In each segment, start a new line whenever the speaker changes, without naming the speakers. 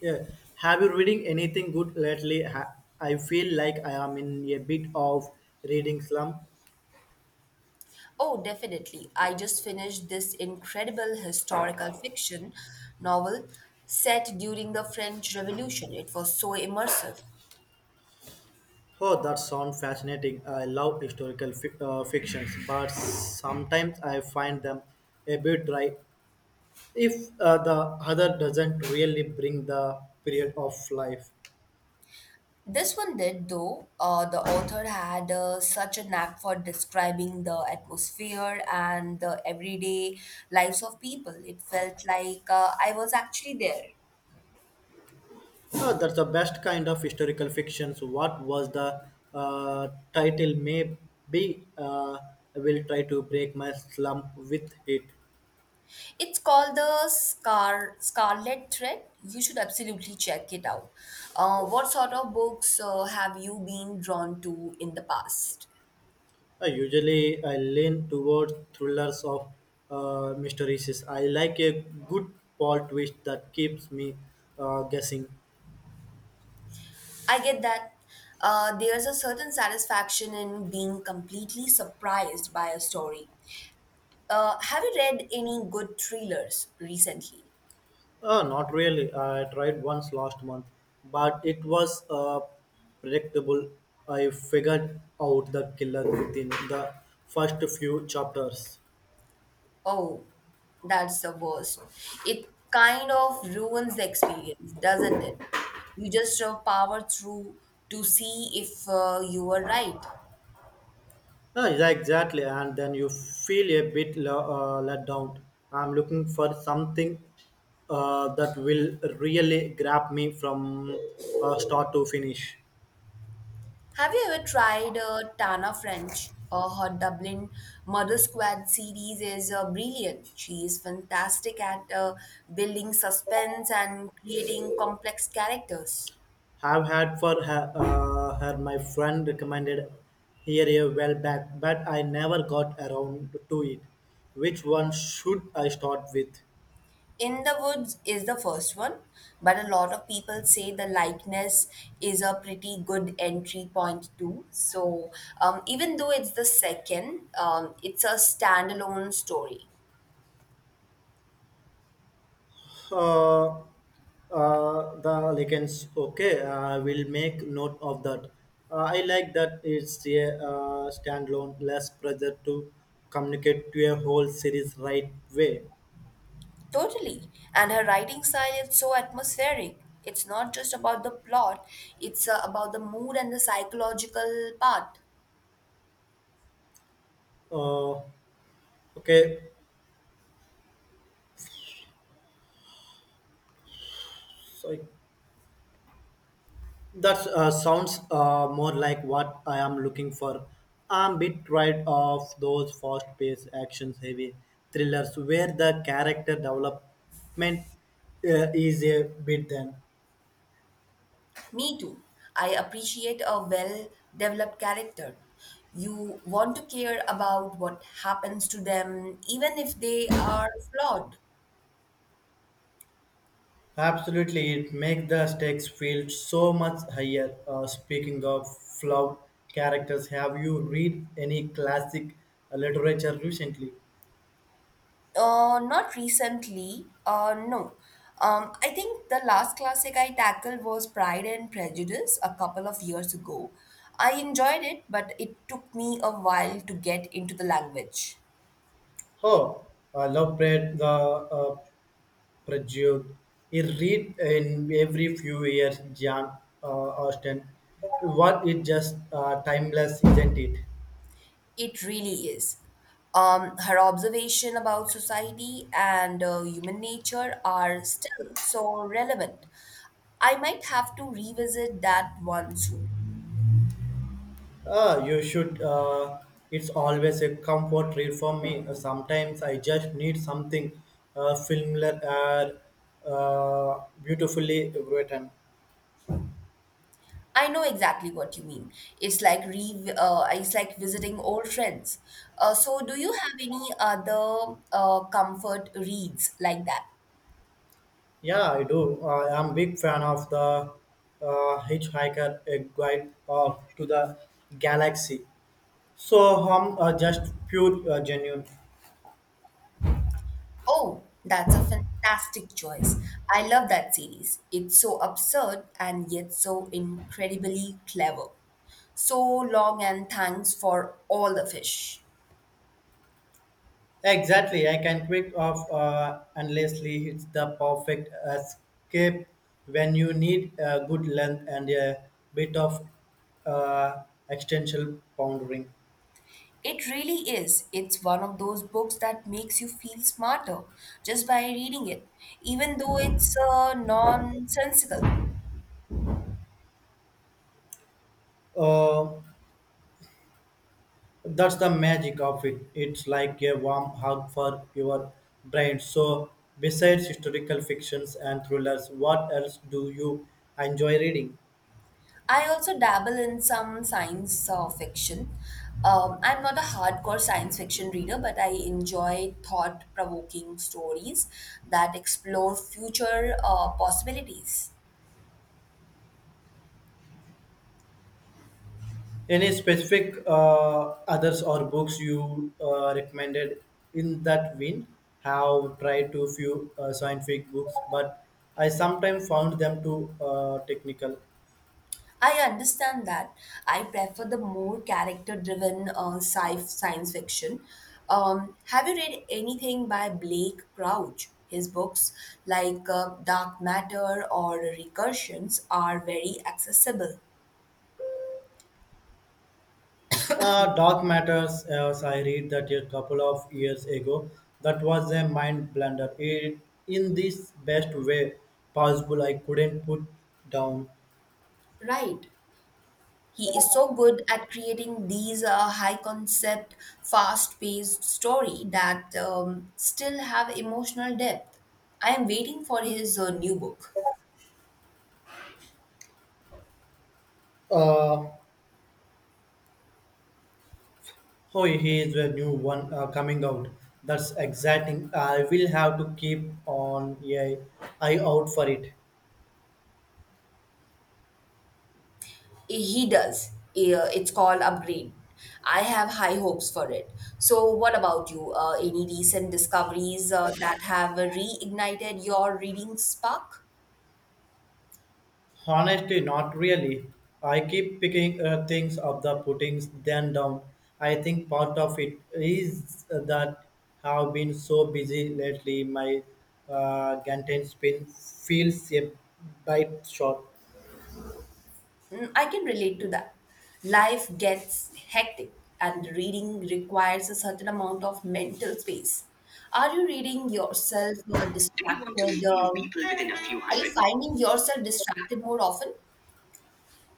Yeah. Have you reading anything good lately? I feel like I am in a bit of reading slump.
Oh, definitely. I just finished this incredible historical fiction novel set during the French Revolution. It was so immersive.
Oh, that sounds fascinating. I love fictions, but sometimes I find them a bit dry if the other doesn't really bring the period of life.
This one did, though. The author had such a knack for describing the atmosphere and the everyday lives of people. It felt like I was actually there.
That's the best kind of historical fictions. What was the title? Maybe I will try to break my slump with it.
It's called the Scarlet Thread. You should absolutely check it out. What sort of books have you been drawn to in the past?
Usually, I lean towards thrillers of mysteries. I like a good plot twist that keeps me guessing.
I get that. There's a certain satisfaction in being completely surprised by a story. Have you read any good thrillers recently?
Not really. I tried once last month, but it was predictable. I figured out the killer within the first few chapters.
Oh, that's the worst. It kind of ruins the experience, doesn't it? You just power through to see if you were right.
Ah, yeah, exactly. And then you feel a bit let down. I'm looking for something that will really grab me from start to finish.
Have you ever tried Tana French? Her Dublin Murder Squad series is brilliant. She is fantastic at building suspense and creating complex characters.
Have had for her, her my friend recommended here a while back, but I never got around to it. Which one should I start with?
In the Woods is the first one, but a lot of people say the likeness is a pretty good entry point too. So even though it's the second, it's a standalone story.
Uh, the lichens. Okay, I will make note of that. I like that it's a standalone, less pressure to communicate to a whole series right way.
Totally. And her writing style is so atmospheric. It's not just about the plot, it's about the mood and the psychological part.
Uh, okay, so that sounds more like what I am looking for. I'm a bit tired of those fast-paced, action heavy thrillers where the character development is a bit thin.
Me too. I appreciate a well developed character. You want to care about what happens to them, even if they are flawed.
Absolutely, it makes the stakes feel so much higher. Speaking of flawed characters, have you read any classic literature recently?
Not recently, no. I think the last classic I tackled was Pride and Prejudice a couple of years ago. I enjoyed it, but it took me a while to get into the language.
Oh, I love Brad the Prejudice. It read in every few years, John Austen. What it just timeless, isn't it?
It really is. Her observation about society and human nature are still so relevant. I might have to revisit that one soon.
Ah, you should. It's always a comfort read for me. Sometimes I just need something familiar and beautifully written.
I know exactly what you mean. It's like visiting old friends. So do you have any other comfort reads like that?
Yeah, I do. I am big fan of the Hitchhiker a Guide to the Galaxy. So I'm just pure genuine.
Oh, that's a fantastic choice. I love that series. It's so absurd and yet so incredibly clever. So long and thanks for all the fish.
Exactly, I can quick off endlessly, it's the perfect escape when you need a good length and a bit of uh, extension pondering.
It really is. It's one of those books that makes you feel smarter just by reading it, even though it's nonsensical.
Uh, that's the magic of it. It's like a warm hug for your brain. So, besides historical fictions and thrillers, what else do you enjoy reading?
I also dabble in some science fiction. I'm not a hardcore science fiction reader, but I enjoy thought provoking stories that explore future possibilities.
Any specific others or books you recommended in that vein? Have tried to few scientific books, but I sometimes found them too technical.
I understand that. I prefer the more character driven science fiction. Have you read anything by Blake Crouch? His books, like Dark Matter or Recursions, are very accessible.
Dark Matters, as I read that a couple of years ago, that was a mind blunder. It, in this best way possible, I couldn't put down.
Right. He is so good at creating these high concept, fast paced story that still have emotional depth. I am waiting for his new book.
Uh, Oh, he is a new one coming out. That's exciting. I will have to keep on a eye out for it.
He does. It's called Upgrade. I have high hopes for it. So, what about you? Any recent discoveries that have reignited your reading spark?
Honestly, not really. I keep picking things up, the puttings, then down. I think part of it is that have been so busy lately. My Gantan spin feels a bit short.
Mm, I can relate to that. Life gets hectic and reading requires a certain amount of mental space. Are you reading yourself or
Do you want to
distracted?
meet new
Um,
people within a few
are you
hundred meters?
finding yourself distracted more often?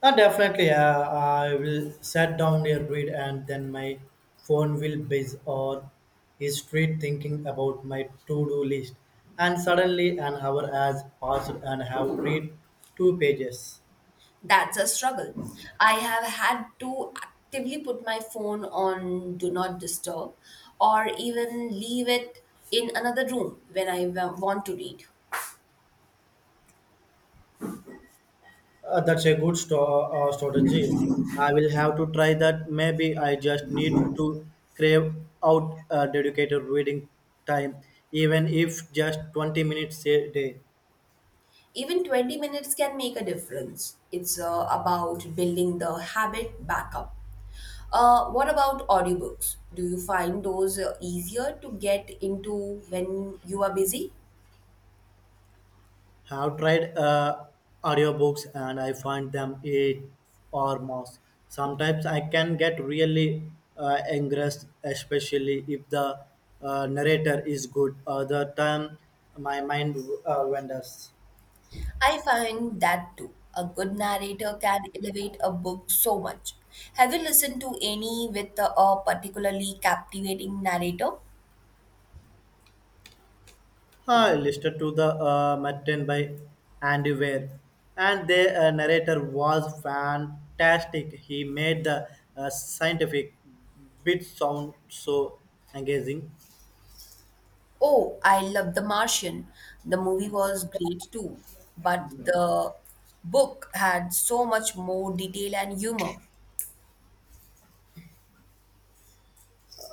Definitely, I will sit down a read and then my phone will buzz or is straight thinking about my to-do list. And suddenly an hour has passed and have read two pages.
That's a struggle. I have had to actively put my phone on do not disturb or even leave it in another room when I want to read.
That's a good strategy. I will have to try that. Maybe I just need to crave out a dedicated reading time, even if just 20 minutes a day.
Even 20 minutes can make a difference. It's about building the habit back up. What about audiobooks? Do you find those easier to get into when you are busy?
Have tried audiobooks and I find them it or most. Sometimes I can get really engrossed, especially if the narrator is good. Other time, my mind wanders.
I find that too. A good narrator can elevate a book so much. Have you listened to any with a particularly captivating narrator?
I listened to the Martin by Andy Weir, and the narrator was fantastic. He made the scientific bit sound so engaging.
Oh, I love The Martian. The movie was great too, but the book had so much more detail and humor.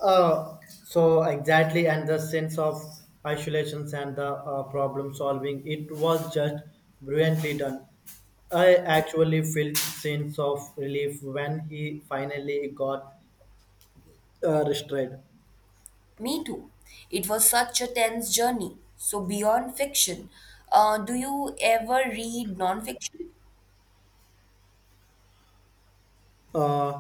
So exactly, and the sense of isolations and the problem solving, it was just brilliantly done. I actually felt sense of relief when he finally got restrained.
Me too. It was such a tense journey. So, beyond fiction, do you ever read nonfiction?
Uh,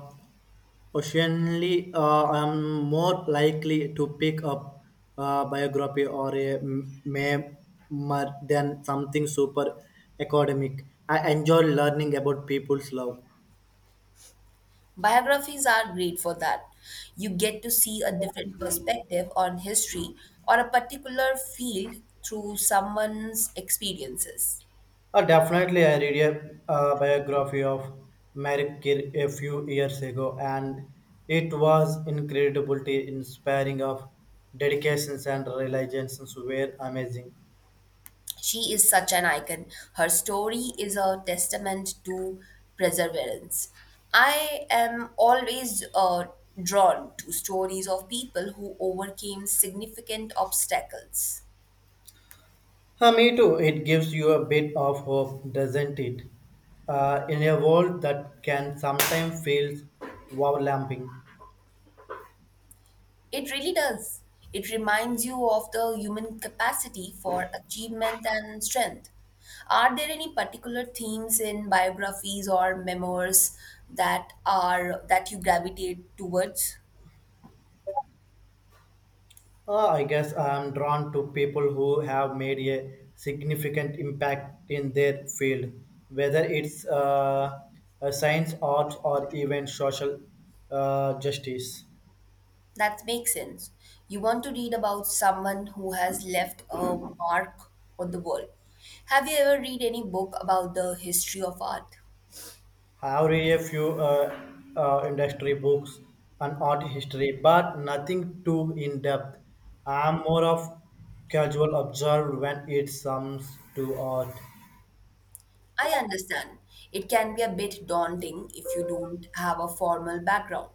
Occasionally, I'm more likely to pick up a biography or a memoir than something super academic. I enjoy learning about people's love.
Biographies are great for that. You get to see a different perspective on history or a particular field through someone's experiences.
Definitely, I read a biography of Marie Curie a few years ago, and it was incredibly inspiring. Of dedications and realizations were amazing.
She is such an icon. Her story is a testament to perseverance. I am always drawn to stories of people who overcame significant obstacles.
Me too. It gives you a bit of hope, doesn't it? In a world that can sometimes feel overwhelming.
It really does. It reminds you of the human capacity for achievement and strength. Are there any particular themes in biographies or memoirs that you gravitate towards?
I guess I'm drawn to people who have made a significant impact in their field, whether it's a science, art, or even social justice.
That makes sense. You want to read about someone who has left a mark on the world. Have you ever read any book about the history of art?
I have read a few industry books and art history, but nothing too in depth. I'm more of casual observer when it comes to art.
I understand. It can be a bit daunting if you don't have a formal background.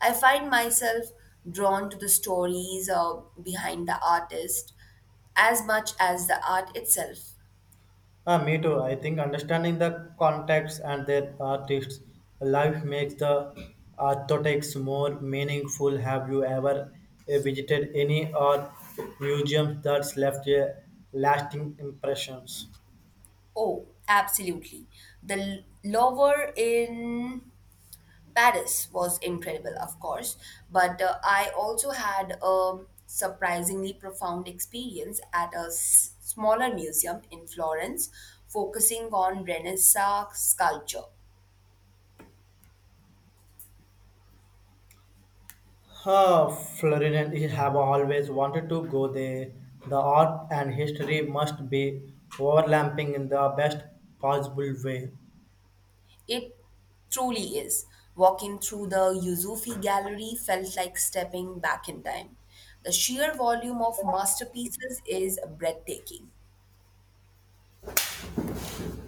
I find myself drawn to the stories behind the artist as much as the art itself.
Me too. I think understanding the context and their artists' life makes the architects more meaningful. Have you ever visited any art museum that's left a lasting impressions?
Oh, absolutely. The lover in Paris was incredible, of course, but I also had a surprisingly profound experience at a smaller museum in Florence focusing on Renaissance sculpture.
Florida, I have always wanted to go there. The art and history must be overlapping in the best possible way.
It truly is. Walking through the Yuzufi Gallery felt like stepping back in time. The sheer volume of masterpieces is breathtaking.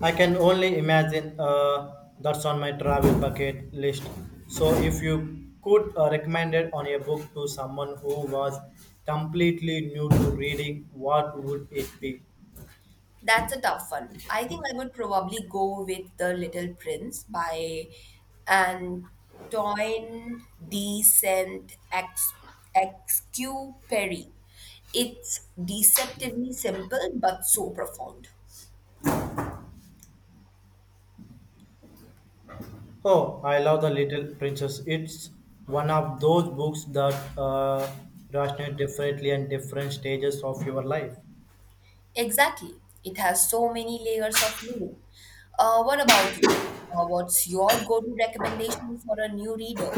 I can only imagine that's on my travel bucket list. So, if you could recommend it on a book to someone who was completely new to reading, what would it be?
That's a tough one. I think I would probably go with The Little Prince by Antoine de Saint-Exupéry. It's deceptively simple but so profound.
Oh, I love The Little Princess. It's one of those books that resonate differently in different stages of your life.
Exactly. It has so many layers of meaning. What about you? What's your go-to recommendation for a new reader?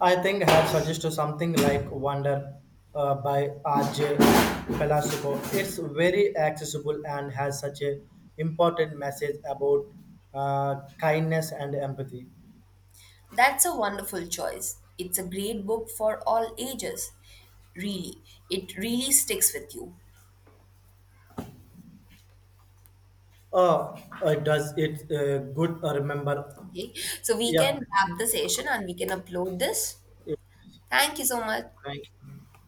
I think I have suggested something like Wonder by R.J. Pelasico. It's very accessible and has such a important message about kindness and empathy.
That's a wonderful choice. It's a great book for all ages. Really, it really sticks with you.
Oh, does it good? Remember,
Okay, so we
yeah.
can wrap the session and we can upload this.
Yeah.
Thank you so much.
Thank you.